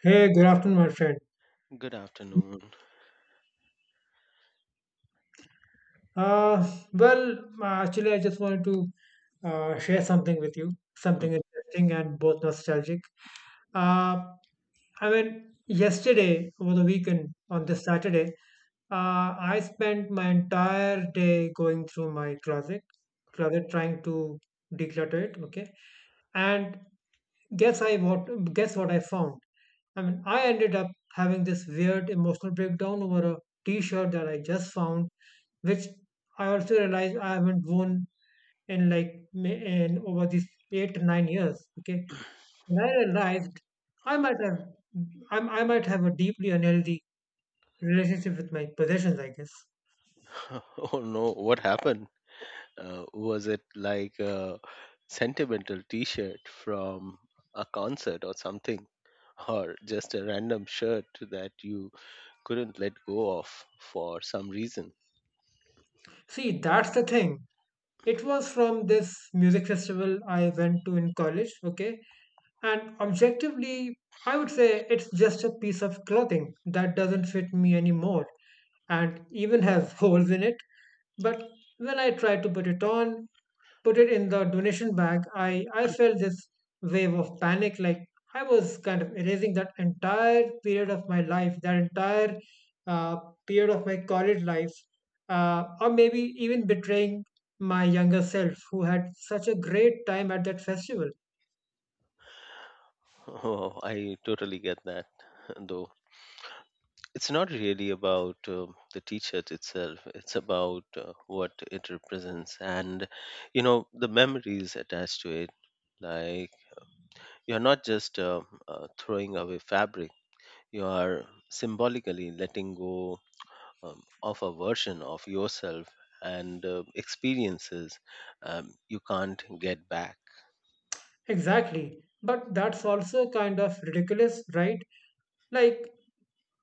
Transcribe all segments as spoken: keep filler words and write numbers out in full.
Hey, good afternoon, my friend. Good afternoon. Uh, well, uh, actually, I just wanted to uh, share something with you, something Mhm. interesting and both nostalgic. Uh, I mean, Yesterday, over the weekend, on this Saturday, uh, I spent my entire day going through my closet, closet trying to declutter it, okay? And guess I what guess what I found? I mean, I ended up having this weird emotional breakdown over a t shirt that I just found, which I also realized I haven't worn in like ma- in over these eight to nine years. Okay. And I realized I might have I, I might have a deeply unhealthy relationship with my possessions, I guess. Oh no, what happened? Uh, was it like a sentimental t-shirt from a concert or something? Or just a random shirt that you couldn't let go of for some reason? See, that's the thing. It was from this music festival I went to in college, okay? And objectively, I would say it's just a piece of clothing that doesn't fit me anymore and even has holes in it. But when I tried to put it on, put it in the donation bag, I, I felt this wave of panic, like I was kind of erasing that entire period of my life, that entire uh, period of my college life, uh, or maybe even betraying my younger self who had such a great time at that festival. Oh, I totally get that. Though it's not really about uh, the t-shirt itself, it's about uh, what it represents and, you know, the memories attached to it. Like, you are not just uh, uh, throwing away fabric, you are symbolically letting go um, of a version of yourself and uh, experiences um, you can't get back. Exactly. But that's also kind of ridiculous, right? Like,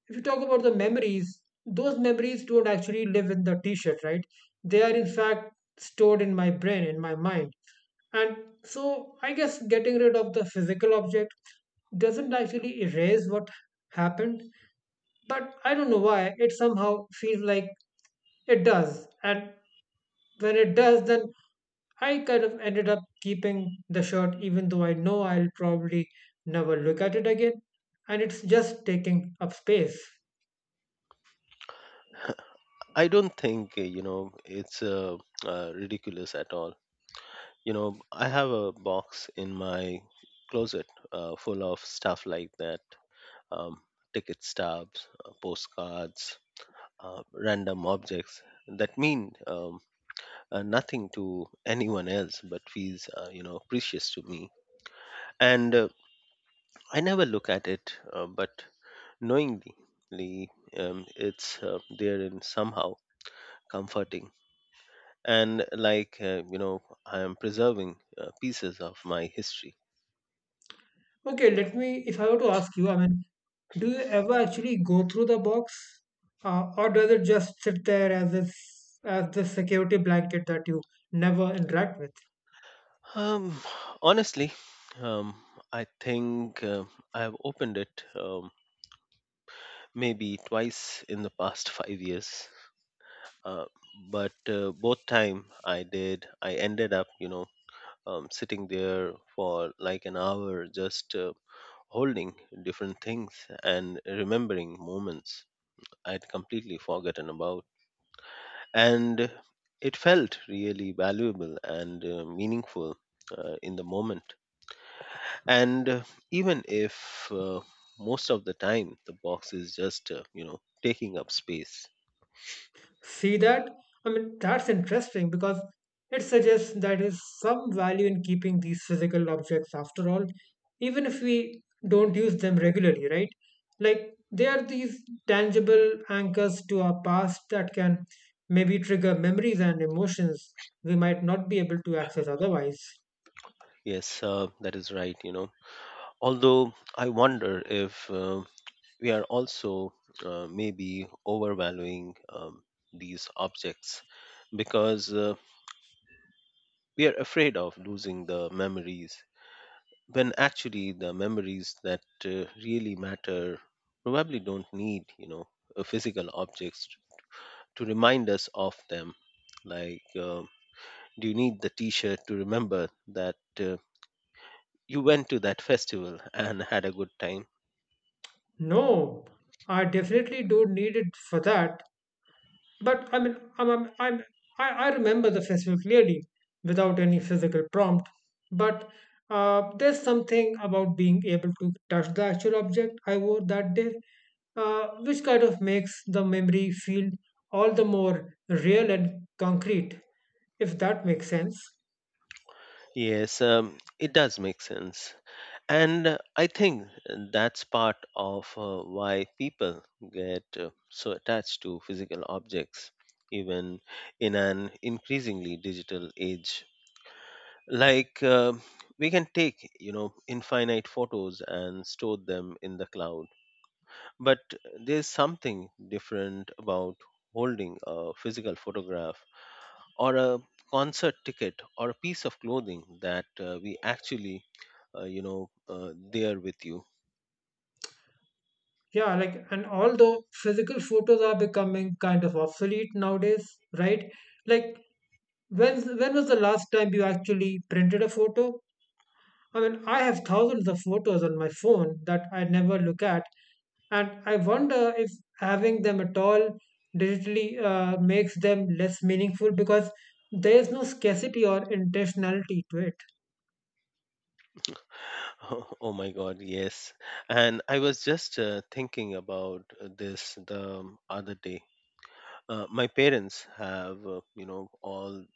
if you talk about the memories, those memories don't actually live in the t-shirt, right? They are in fact stored in my brain, in my mind. And so I guess getting rid of the physical object doesn't actually erase what happened, but I don't know why it somehow feels like it does. And when it does, then I kind of ended up keeping the shirt, even though I know I'll probably never look at it again. And it's just taking up space. I don't think, uh, you know, it's uh, uh, ridiculous at all. You know, I have a box in my closet uh, full of stuff like that, um, ticket stubs, uh, postcards, uh, random objects that mean um, uh, nothing to anyone else but feels, uh, you know, precious to me, and uh, I never look at it, uh, but knowingly, um, it's uh, there and somehow comforting, and like, uh, you know, I am preserving uh, pieces of my history. Okay, let me, if I were to ask you, I mean, do you ever actually go through the box? Uh, or does it just sit there as this, as the security blanket that you never interact with? Um, honestly um, i think uh, i have opened it um, maybe twice in the past five years. Uh, but uh, Both time I did, I ended up, you know, um, sitting there for like an hour, just uh, holding different things and remembering moments I'd completely forgotten about. And it felt really valuable and uh, meaningful uh, in the moment. And uh, even if uh, most of the time the box is just, uh, you know, taking up space. See that? I mean, that's interesting because it suggests that there is some value in keeping these physical objects after all, even if we don't use them regularly, right? Like, they are these tangible anchors to our past that can maybe trigger memories and emotions we might not be able to access otherwise. Yes, uh, that is right, you know. Although I wonder if uh, we are also uh, maybe overvaluing um, these objects because uh, we are afraid of losing the memories, when actually the memories that uh, really matter probably don't need, you know, uh, physical objects to remind us of them. Like, uh, do you need the t-shirt to remember that uh, you went to that festival and had a good time? No, I definitely do need it for that. But I mean, I'm, I'm, I'm, I, I remember the festival clearly without any physical prompt. But uh, there's something about being able to touch the actual object I wore that day, uh, which kind of makes the memory feel all the more real and concrete, if that makes sense. Yes, um, it does make sense. And uh, I think that's part of uh, why people get uh, so attached to physical objects, even in an increasingly digital age. Like, uh, we can take, you know, infinite photos and store them in the cloud. But there's something different about holding a physical photograph or a concert ticket or a piece of clothing that uh, we actually, uh, you know, uh, there with you. Yeah, like, and although physical photos are becoming kind of obsolete nowadays, right? Like, when when was the last time you actually printed a photo? I mean, I have thousands of photos on my phone that I never look at, and I wonder if having them at all digitally uh, makes them less meaningful because there is no scarcity or intentionality to it. Oh, oh my God, yes. And I was just uh, thinking about uh, this the other day. Uh, my parents have, uh, you know, all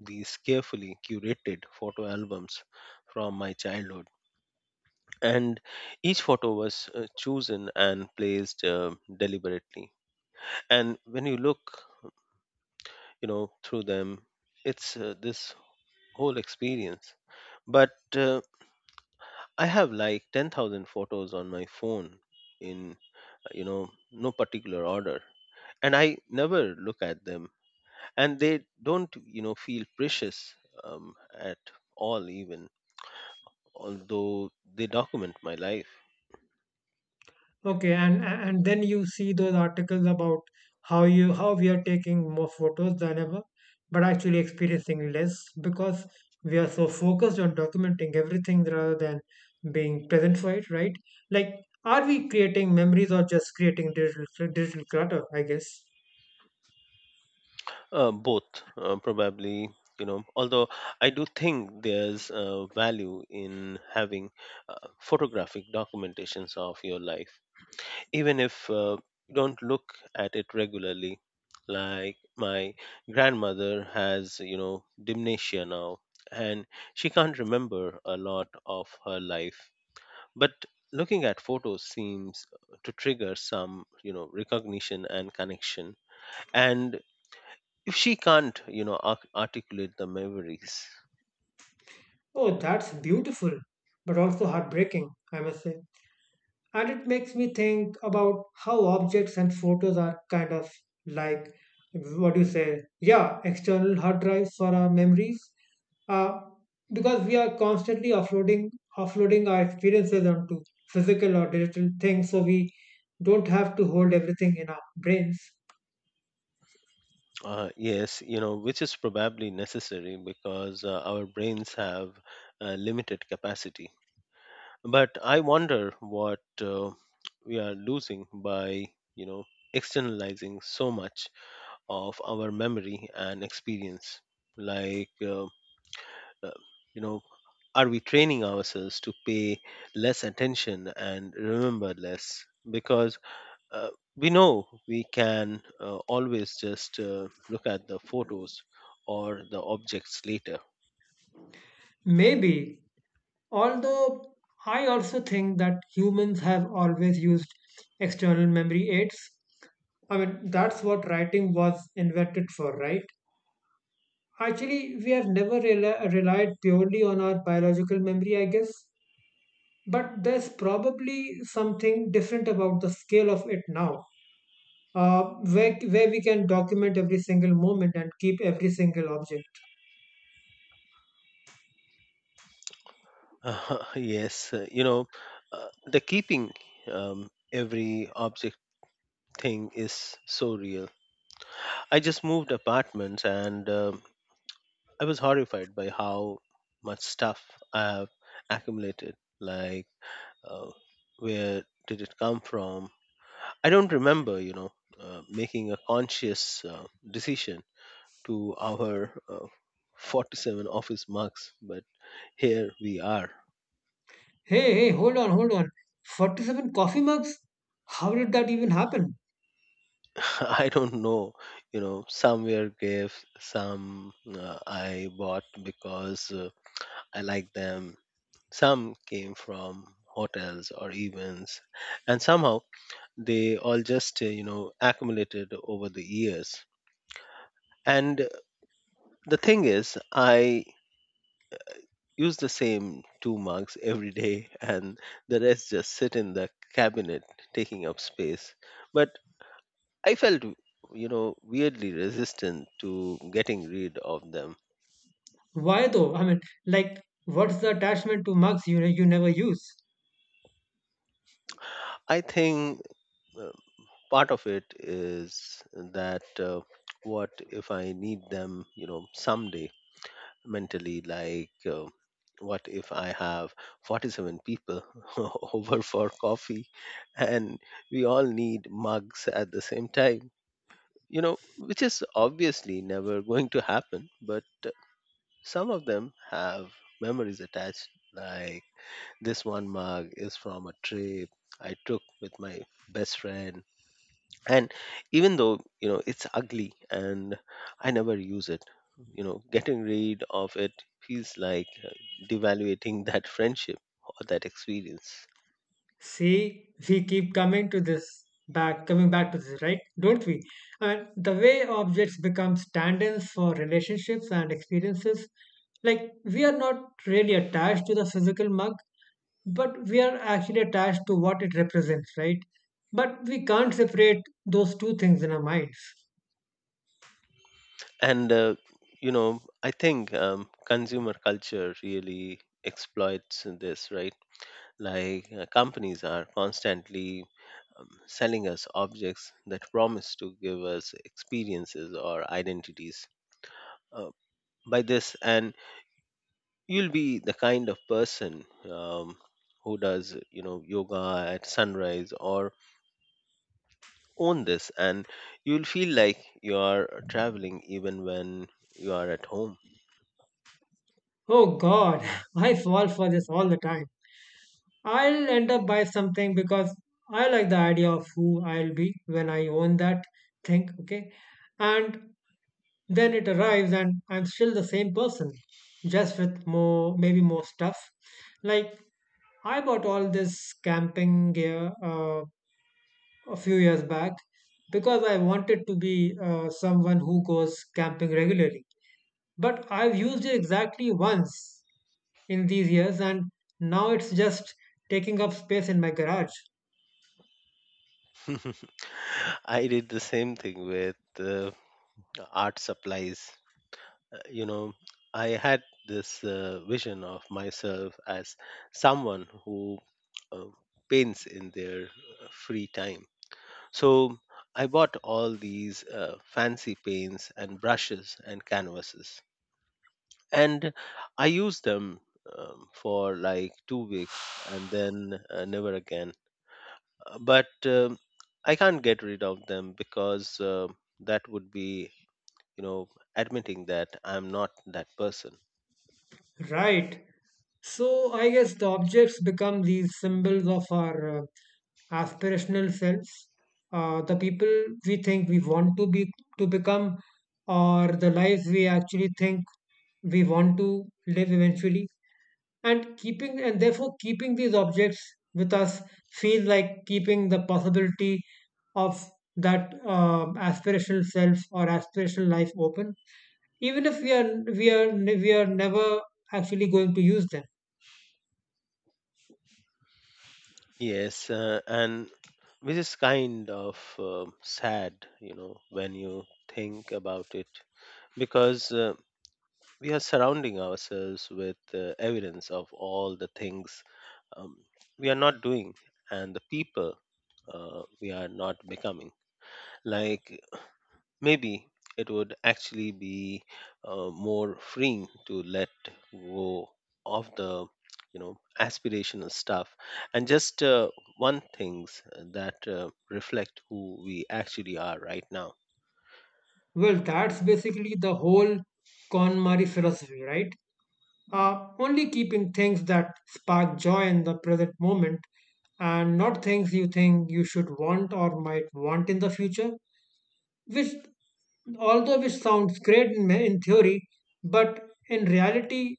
these carefully curated photo albums from my childhood. And each photo was uh, chosen and placed uh, deliberately. And when you look, you know, through them, it's uh, this whole experience. But uh, I have like ten thousand photos on my phone, in, you know, no particular order, and I never look at them, and they don't, you know, feel precious um, at all, even although they document my life. Okay, and and then you see those articles about how you how we are taking more photos than ever, but actually experiencing less because we are so focused on documenting everything rather than being present for it, right? Like, are we creating memories or just creating digital digital clutter, I guess? Uh, both uh, probably, you know. Although I do think there's uh, value in having uh, photographic documentations of your life, even if uh, you don't look at it regularly. Like, my grandmother has, you know, dementia now, and she can't remember a lot of her life, but looking at photos seems to trigger some, you know, recognition and connection, and if she can't, you know, arc- articulate the memories. Oh, that's beautiful, but also heartbreaking, I must say. And it makes me think about how objects and photos are kind of like, what do you say, yeah, external hard drives for our memories, uh, because we are constantly offloading offloading our experiences onto physical or digital things so we don't have to hold everything in our brains. Uh, yes, you know, which is probably necessary because uh, our brains have uh, limited capacity. But I wonder what uh, we are losing by, you know, externalizing so much of our memory and experience. Like, uh, uh, you know, are we training ourselves to pay less attention and remember less because uh, we know we can uh, always just uh, look at the photos or the objects later? Maybe. Although I also think that humans have always used external memory aids. I mean, that's what writing was invented for, right? Actually, we have never rela relied purely on our biological memory, I guess. But there's probably something different about the scale of it now, uh, where, where we can document every single moment and keep every single object. yes uh, you know, uh, the keeping um, every object thing is so real. I just moved apartments and, um I was horrified by how much stuff I have accumulated. Like, uh, where did it come from? I don't remember, you know, uh, making a conscious uh, decision to our uh, forty-seven office mugs, but here we are. Hey, hey, hold on, hold on. forty-seven coffee mugs? How did that even happen? I don't know, you know, some were gifts, some uh, I bought because uh, I like them, some came from hotels or events, and somehow they all just, uh, you know, accumulated over the years. And the thing is, I use the same two mugs every day, and the rest just sit in the cabinet taking up space. But I felt, you know, weirdly resistant to getting rid of them. Why though? I mean, like, what's the attachment to mugs you, you never use? I think uh, part of it is that, uh, what if I need them, you know, someday? Mentally, like, uh, what if I have forty-seven people over for coffee, and we all need mugs at the same time, you know, which is obviously never going to happen. But uh, some of them have memories attached. Like, this one mug is from a trip I took with my best friend, and even though, you know, it's ugly and I never use it, you know, getting rid of it feels like uh, devaluating that friendship or that experience. See, we keep coming to this back, coming back to this, right? Don't we? And the way objects become stand-ins for relationships and experiences, like we are not really attached to the physical mug, but we are actually attached to what it represents, right? But we can't separate those two things in our minds. And uh, you know, I think um, consumer culture really exploits this, right? Like, uh, companies are constantly um, selling us objects that promise to give us experiences or identities. uh, by this and you'll be the kind of person, um, who does, you know, yoga at sunrise, or own this and you'll feel like you are traveling even when you are at home. Oh God, I fall for this all the time. I'll end up buy something because I like the idea of who I'll be when I own that thing. Okay. And then it arrives and I'm still the same person, just with more, maybe more stuff. Like, I bought all this camping gear uh, a few years back because I wanted to be uh, someone who goes camping regularly. But I've used it exactly once in these years, and now it's just taking up space in my garage. I did the same thing with uh, art supplies. Uh, you know, I had this uh, vision of myself as someone who uh, paints in their uh, free time. So I bought all these uh, fancy paints and brushes and canvases. And I used them um, for like two weeks and then uh, never again. Uh, But um I can't get rid of them because uh, that would be, you know, admitting that I'm not that person. Right. So I guess the objects become these symbols of our uh, aspirational selves, uh, the people we think we want to be to become, or the lives we actually think we want to live eventually, and keeping and therefore keeping these objects with us feels like keeping the possibility of that um aspirational self or aspirational life open, even if we are we are we are never actually going to use them. Yes, uh, and which is kind of um sad, you know, when you think about it. Because, Uh, we are surrounding ourselves with uh, evidence of all the things um, we are not doing, and the people uh, we are not becoming. Like, maybe it would actually be uh, more freeing to let go of the, you know, aspirational stuff, and just uh, one things that uh, reflect who we actually are right now. Well, that's basically the whole KonMari philosophy, right? Uh, only keeping things that spark joy in the present moment and not things you think you should want or might want in the future, which, although which sounds great in, in theory, but in reality,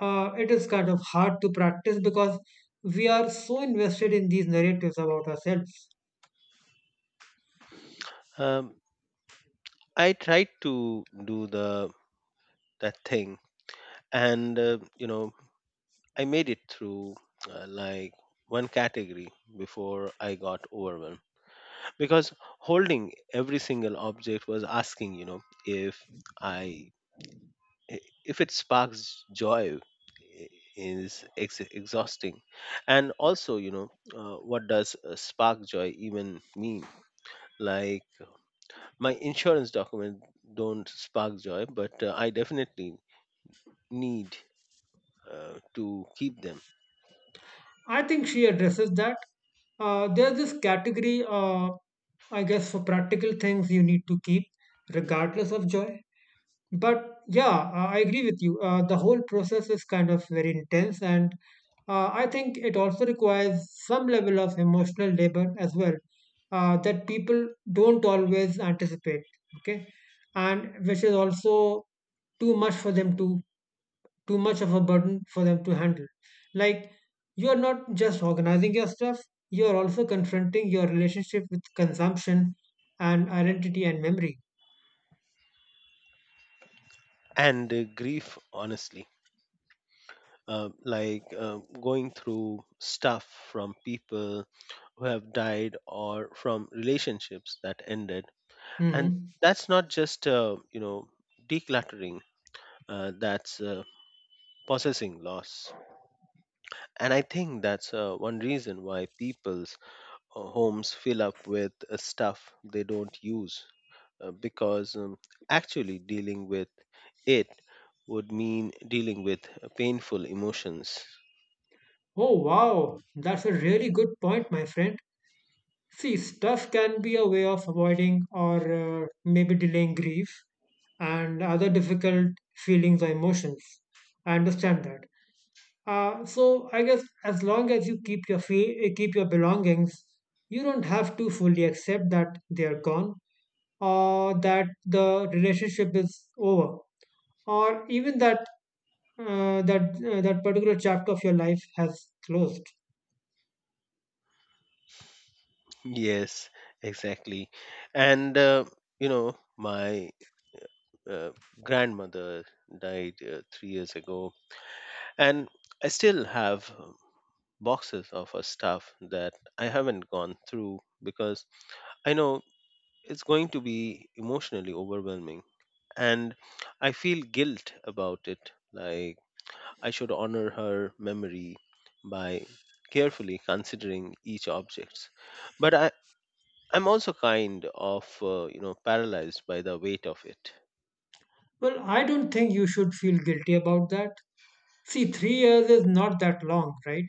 uh, it is kind of hard to practice because we are so invested in these narratives about ourselves. Um, I tried to do the that thing, and uh, you know, I made it through uh, like one category before I got overwhelmed, because holding every single object was asking, you know, if I i- if it sparks joy, i- is ex- exhausting, and also, you know, uh, what does uh, spark joy even mean? Like, my insurance document don't spark joy, but uh, I definitely need uh, to keep them. I think she addresses that. Uh, there's this category, uh, I guess, for practical things you need to keep regardless of joy. But yeah, uh, I agree with you. Uh, the whole process is kind of very intense, and uh, I think it also requires some level of emotional labor as well, uh, that people don't always anticipate. Okay, and which is also too much for them to too much of a burden for them to handle. Like, you're not just organizing your stuff, you're also confronting your relationship with consumption and identity and memory. And uh, grief, honestly. Uh, like uh, going through stuff from people who have died or from relationships that ended, and Mhm. that's not just, uh, you know, decluttering. Uh, that's uh, possessing loss. And I think that's uh, one reason why people's uh, homes fill up with uh, stuff they don't use, uh, because um, actually dealing with it would mean dealing with uh, painful emotions. Oh, wow, that's a really good point, my friend. See, stuff can be a way of avoiding or uh, maybe delaying grief and other difficult feelings or emotions. I understand that. Uh, so I guess as long as you keep your fe- keep your belongings, you don't have to fully accept that they are gone, or that the relationship is over, or even that uh, that uh, that particular chapter of your life has closed. Yes, exactly. And, uh, you know, my uh, grandmother died uh, three years ago, and I still have um, boxes of her stuff that I haven't gone through because I know it's going to be emotionally overwhelming. And I feel guilt about it. Like, I should honor her memory by carefully considering each object. But I, I'm also kind of, uh, you know, paralyzed by the weight of it. Well, I don't think you should feel guilty about that. See, three years is not that long, right?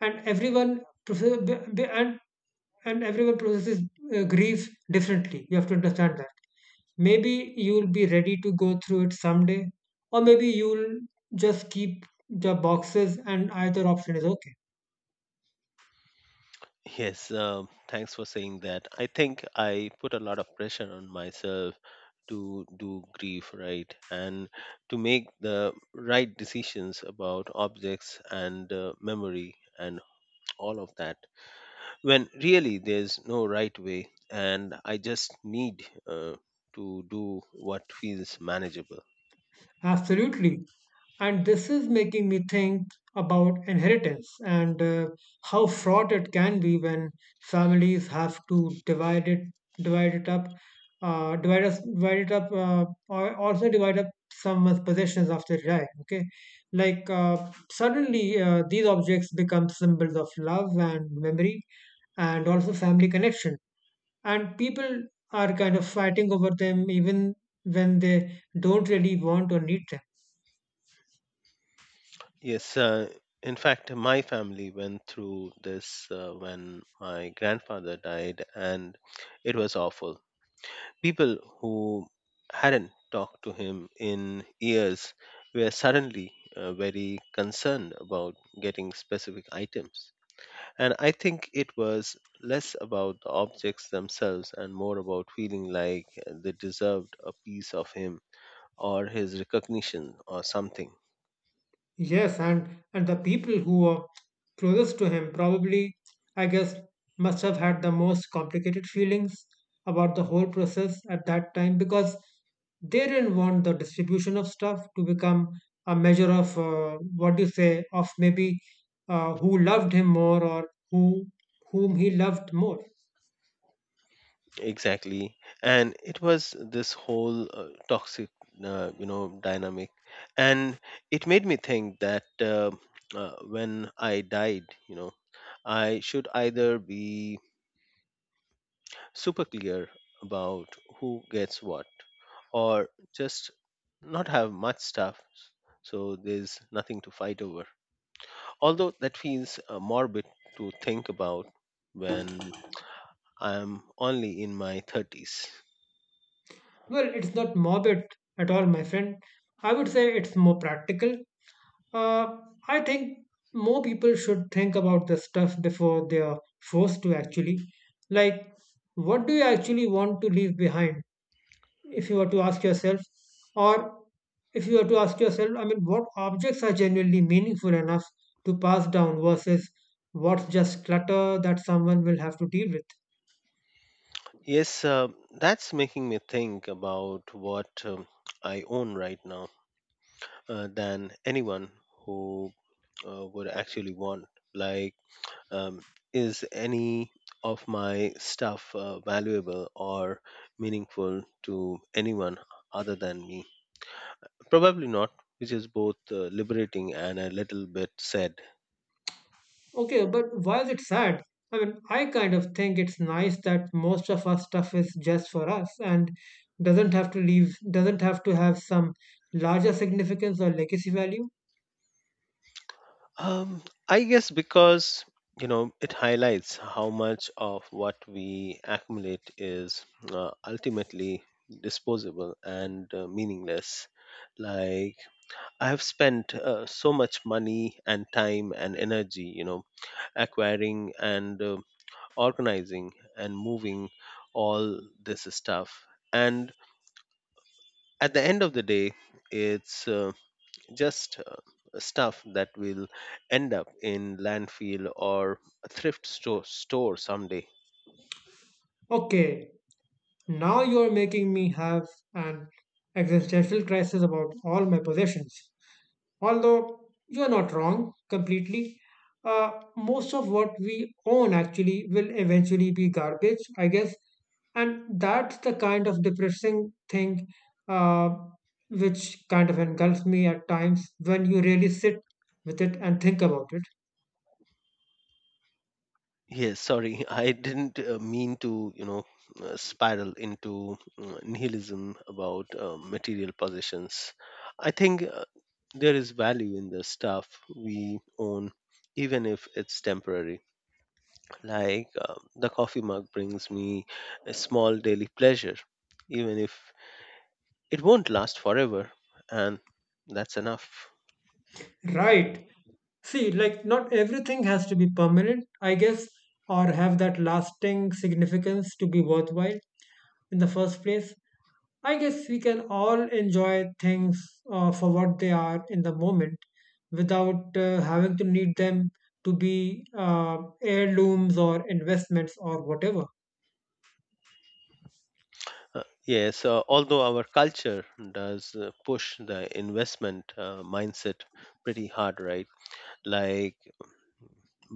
And everyone process- b- b- and and everyone processes uh, grief differently, you have to understand that. Maybe you'll be ready to go through it someday, or maybe you'll just keep the boxes, and either option is okay. Yes, um, thanks for saying that. I think I put a lot of pressure on myself to do grief right, and to make the right decisions about objects and uh, memory and all of that, when really there's no right way, and I just need uh, to do what feels manageable. Absolutely. And this is making me think about inheritance and uh, how fraught it can be when families have to divide it, divide it up, uh, divide us, divide it up, uh, or also divide up someone's possessions after they die. Okay, like uh, suddenly uh, these objects become symbols of love and memory, and also family connection. And people are kind of fighting over them even when they don't really want or need them. Yes, uh, in fact, my family went through this uh, when my grandfather died, and it was awful. People who hadn't talked to him in years were suddenly uh, very concerned about getting specific items. And I think it was less about the objects themselves and more about feeling like they deserved a piece of him or his recognition or something. Yes, and and the people who were closest to him probably, I guess, must have had the most complicated feelings about the whole process at that time because they didn't want the distribution of stuff to become a measure of uh, what do you say, of maybe uh, who loved him more, or who whom he loved more. Exactly. And it was this whole uh, toxic, uh, you know, dynamic. And it made me think that uh, uh, when I died, you know, I should either be super clear about who gets what, or just not have much stuff so there's nothing to fight over, although that feels uh, morbid to think about when I'm only in my thirties. Well, it's not morbid at all, my friend. I would say it's more practical. Uh, I think more people should think about this stuff before they are forced to, actually. Like, what do you actually want to leave behind? If you were to ask yourself, or if you were to ask yourself, I mean, what objects are genuinely meaningful enough to pass down versus what's just clutter that someone will have to deal with? Yes, uh, that's making me think about what, um, I own right now uh, than anyone who uh, would actually want. Like, um, is any of my stuff uh, valuable or meaningful to anyone other than me? Probably not, which is both uh, liberating and a little bit sad. Okay, but while it's sad, I mean, I kind of think it's nice that most of our stuff is just for us and doesn't have to leave, doesn't have to have some larger significance or legacy value. Um, I guess because you know it highlights how much of what we accumulate is uh, ultimately disposable and uh, meaningless. Like I have spent uh, so much money and time and energy, you know, acquiring and uh, organizing and moving all this stuff, and at the end of the day, it's uh, just uh, stuff that will end up in landfill or a thrift store store someday. Okay, now you're making me have an existential crisis about all my possessions. Although you are not wrong completely, uh, most of what we own actually will eventually be garbage, I guess. And that's the kind of depressing thing uh, which kind of engulfs me at times when you really sit with it and think about it. Yes, sorry, I didn't uh, mean to you know uh, spiral into uh, nihilism about uh, material possessions. I think uh, there is value in the stuff we own, even if it's temporary. Like uh, the coffee mug brings me a small daily pleasure, even if it won't last forever, and that's enough. Right. See, like, not everything has to be permanent, I guess, or have that lasting significance to be worthwhile. in the first place. I guess we can all enjoy things uh, for what they are in the moment without uh, having to need them to be uh, heirlooms or investments or whatever. Uh, yes, uh, although our culture does uh, push the investment uh, mindset pretty hard, right? Like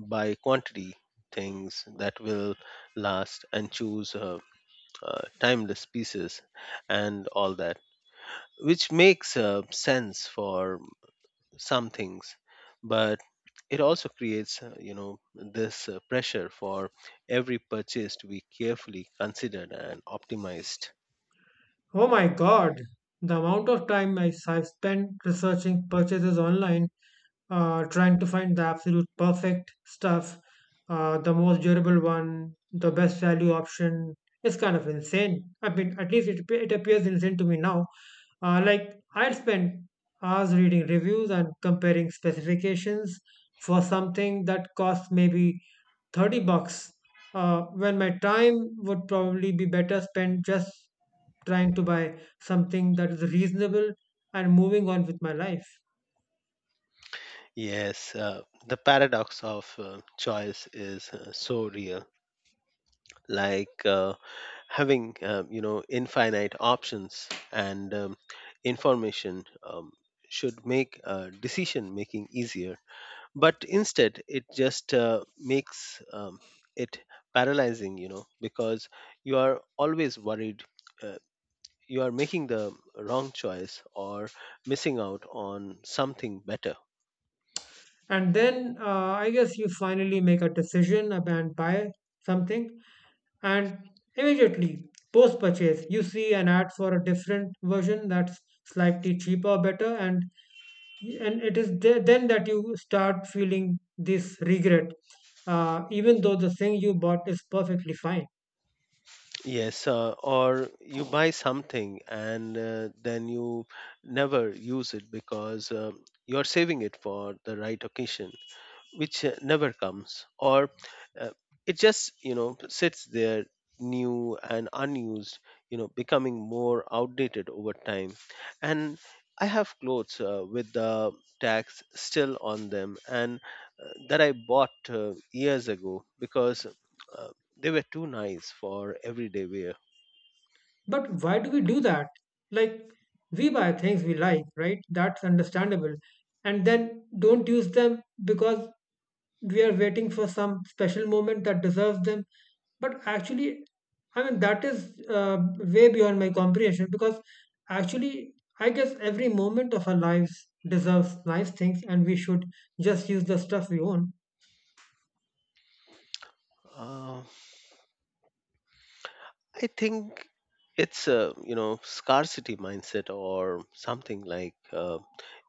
buy quantity things that will last, and choose uh, uh, timeless pieces and all that, which makes uh, sense for some things, but it also creates uh, you know this uh, pressure for every purchase to be carefully considered and optimized. Oh my God, the amount of time I have spent researching purchases online, uh, trying to find the absolute perfect stuff, uh, the most durable one, the best value option, is kind of insane. I mean, at least it, appe- it appears insane to me now. Uh, like, I'd spend hours reading reviews and comparing specifications for something that costs maybe thirty bucks, uh, when my time would probably be better spent just trying to buy something that is reasonable and moving on with my life. Yes, uh, the paradox of uh, choice is uh, so real. Like uh, having, uh, you know infinite options and um, information, um, should make uh, decision making easier, but instead it just uh, makes um, it paralyzing, you know, because you are always worried uh, you are making the wrong choice or missing out on something better. And then uh, I guess you finally make a decision ab- and buy something. And immediately post purchase, you see an ad for a different version that's slightly cheaper, better. And, and it is the- then that you start feeling this regret, uh, even though the thing you bought is perfectly fine. Yes, uh, or you buy something and uh, then you never use it because uh, you're saving it for the right occasion, which uh, never comes. Or uh, it just, you know, sits there new and unused, you know, becoming more outdated over time. And I have clothes uh, with the tags still on them and uh, that I bought uh, years ago because. Uh, they were too nice for everyday wear. But why do we do that? Like, we buy things we like, right? That's understandable. And then don't use them because we are waiting for some special moment that deserves them. But actually, I mean, that is uh, way beyond my comprehension because actually, I guess every moment of our lives deserves nice things and we should just use the stuff we own. Uh, I think it's a you know scarcity mindset or something. Like uh,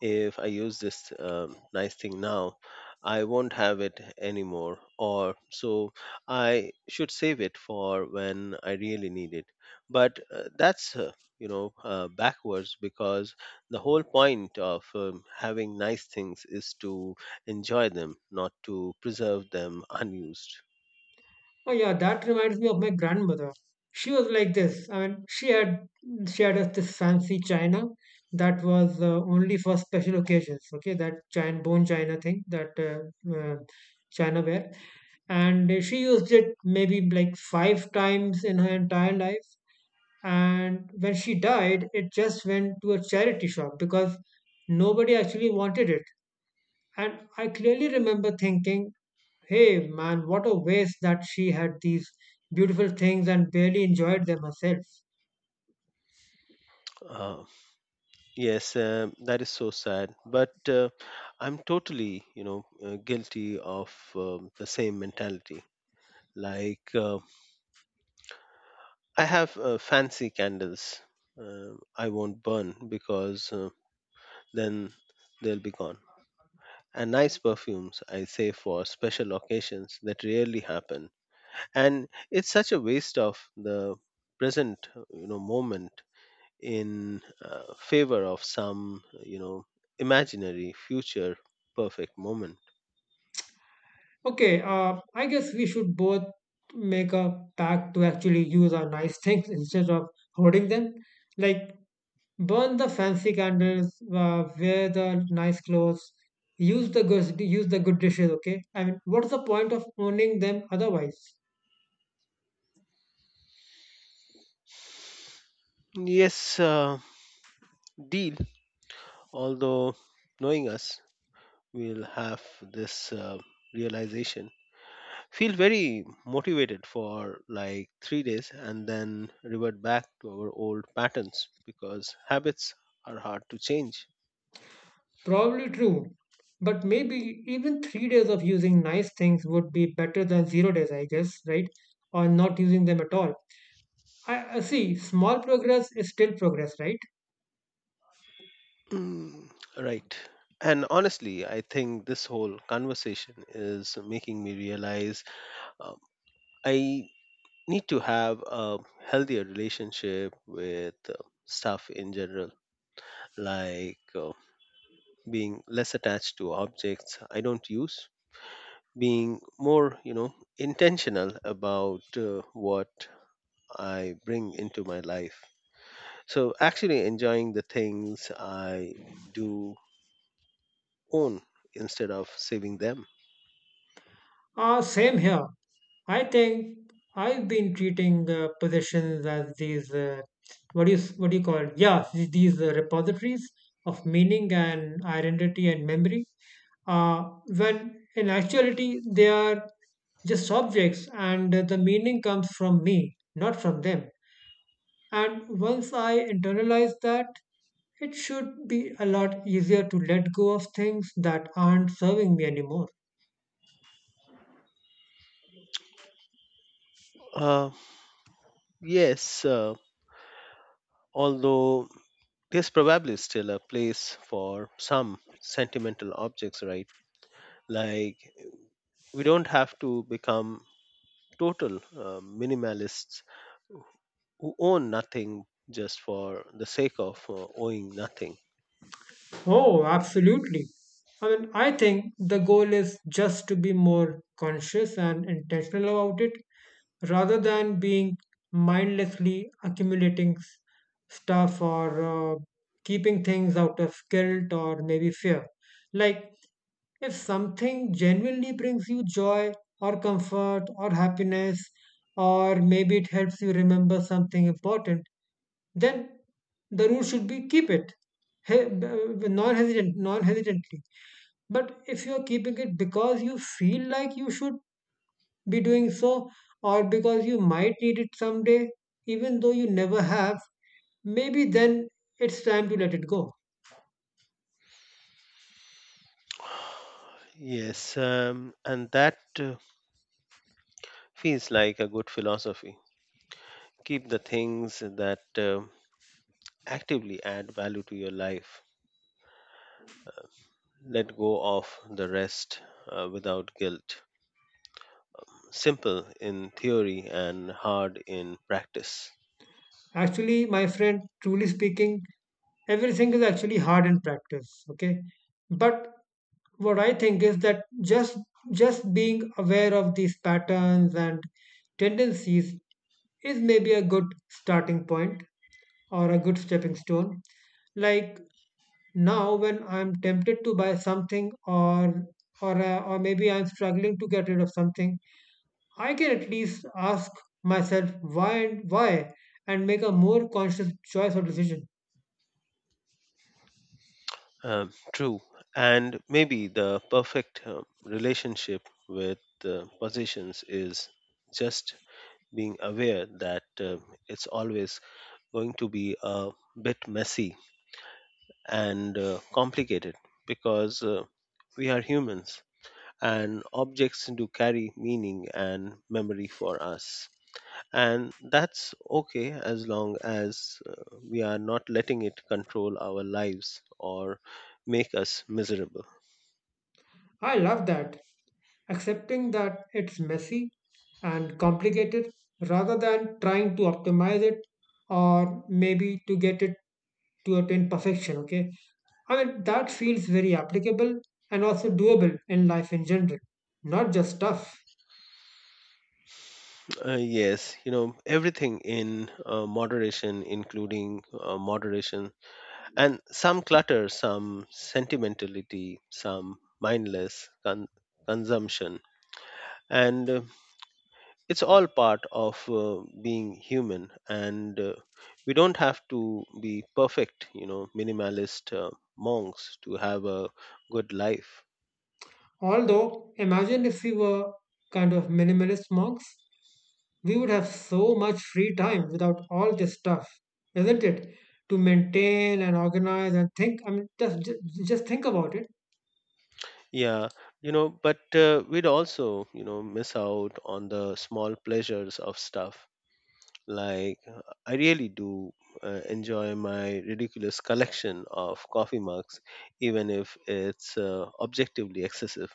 if I use this um nice thing now, I won't have it anymore, or so I should save it for when I really need it. But uh, that's uh, you know uh, backwards, because the whole point of um, having nice things is to enjoy them, not to preserve them unused. Oh yeah, that reminds me of my grandmother. She was like this. I mean, she had she had us this fancy china that was uh, only for special occasions. Okay, that china bone china thing, that uh, uh, china ware, and she used it maybe like five times in her entire life. And when she died, it just went to a charity shop because nobody actually wanted it. And I clearly remember thinking, hey man, what a waste that she had these beautiful things and barely enjoyed them herself. Uh, yes, um, that is so sad. But uh, I'm totally, you know, uh, guilty of um, the same mentality. Like uh, I have uh, fancy candles uh, I won't burn because uh, then they'll be gone. And nice perfumes I save for special occasions that rarely happen. And it's such a waste of the present, you know, moment in uh, favor of some you know imaginary future perfect moment. Okay, uh, I guess we should both make a pact to actually use our nice things instead of hoarding them. Like, burn the fancy candles, uh, wear the nice clothes, use the good, use the good dishes. Okay, I mean, what's the point of owning them otherwise? Yes, uh, deal. Although, knowing us, we'll have this uh, realization, feel very motivated for like three days, and then revert back to our old patterns because habits are hard to change. Probably true. But maybe even three days of using nice things would be better than zero days, I guess, right? Or not using them at all. I I see, small progress is still progress, right? Mm, right. And honestly, I think this whole conversation is making me realize um, I need to have a healthier relationship with uh, stuff in general. Like uh, being less attached to objects I don't use, being more, you know, intentional about uh, what I bring into my life. So, actually enjoying the things I do own instead of saving them. Uh, same here. I think I've been treating uh, possessions as these uh, what do you what do you call it? Yeah, th- these uh, repositories of meaning and identity and memory. Uh, when in actuality they are just objects, and the meaning comes from me, not from them. And once I internalize that, it should be a lot easier to let go of things that aren't serving me anymore. Uh, yes, uh, although there's probably still a place for some sentimental objects, right? Like, we don't have to become total uh, minimalists who own nothing just for the sake of uh, owning nothing. Oh, absolutely. I mean, I think the goal is just to be more conscious and intentional about it rather than being mindlessly accumulating s- stuff or uh, keeping things out of guilt or maybe fear. Like, if something genuinely brings you joy or comfort or happiness, or maybe it helps you remember something important, then the rule should be keep it he- b- non-hesitant non-hesitantly, but if you're keeping it because you feel like you should be doing so, or because you might need it someday even though you never have, maybe then it's time to let it go. Yes, um, and that uh, feels like a good philosophy. Keep the things that uh, actively add value to your life. Let go of the rest uh, without guilt. Simple in theory and hard in practice. Actually, my friend, truly speaking, everything is actually hard in practice. Okay. But what I think is that just just being aware of these patterns and tendencies is maybe a good starting point or a good stepping stone. Like now when I'm tempted to buy something, or or uh, or maybe I'm struggling to get rid of something, I can at least ask myself why and why and make a more conscious choice or decision. Um, true. And maybe the perfect um, relationship with uh, possessions is just being aware that uh, it's always going to be a bit messy and uh, complicated, because uh, we are humans and objects do carry meaning and memory for us. And that's okay, as long as uh, we are not letting it control our lives or make us miserable. I love that. Accepting that it's messy and complicated rather than trying to optimize it or maybe to get it to attain perfection. Okay. I mean, that feels very applicable and also doable in life in general, not just stuff. Uh, yes, you know, everything in uh, moderation, including uh, moderation, and some clutter, some sentimentality, some mindless con- consumption. And uh, it's all part of uh, being human. And uh, we don't have to be perfect, you know, minimalist uh, monks to have a good life. Although, imagine if we were kind of minimalist monks. We would have so much free time without all this stuff, isn't it? To maintain and organize and think. I mean, just just, just think about it. Yeah, you know, but uh, we'd also, you know, miss out on the small pleasures of stuff. Like, I really do uh, enjoy my ridiculous collection of coffee mugs, even if it's uh, objectively excessive.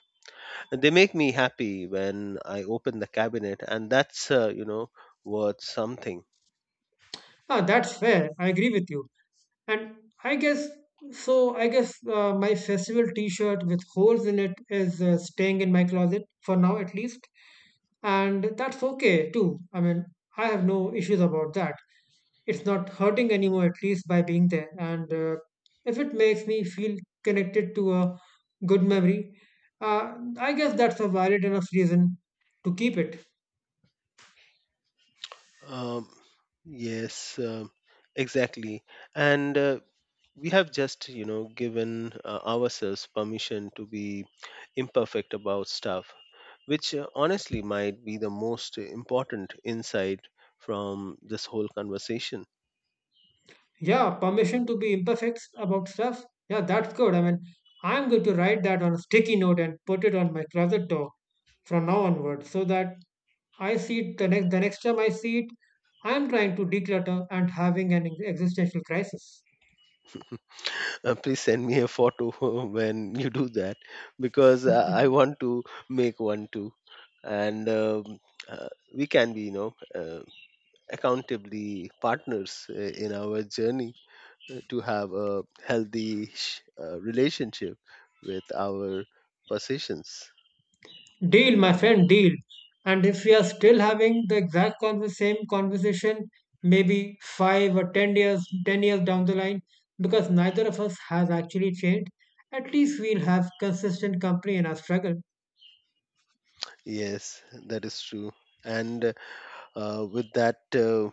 And they make me happy when I open the cabinet, and that's, uh, you know, worth something. Ah, that's fair. I agree with you. And I guess so. I guess uh, my festival T-shirt with holes in it is uh, staying in my closet for now, at least. And that's okay too. I mean, I have no issues about that. It's not hurting anymore, at least by being there. And uh, if it makes me feel connected to a good memory, uh, I guess that's a valid enough reason to keep it. Um, yes, um, exactly. And uh, we have just, you know, given uh, ourselves permission to be imperfect about stuff, which uh, honestly might be the most important insight from this whole conversation. Yeah, permission to be imperfect about stuff. Yeah, that's good. I mean, I'm going to write that on a sticky note and put it on my closet door from now onward so that I see it the next the next time I see it, I'm trying to declutter and having an existential crisis. Uh, please send me a photo when you do that, because uh, I want to make one too. And um, uh, we can be, you know, uh, accountably partners uh, in our journey uh, to have a healthy sh- uh, relationship with our possessions. Deal, my friend, deal. And if we are still having the exact conver- same conversation, maybe five or ten years, ten years down the line, because neither of us has actually changed, at least we'll have consistent company in our struggle. Yes, that is true. And uh, with that, uh,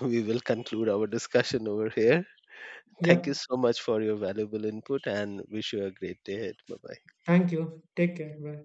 we will conclude our discussion over here. Thank you Yep. so much for your valuable input, and wish you a great day ahead. Bye bye. Thank you. Take care. Bye.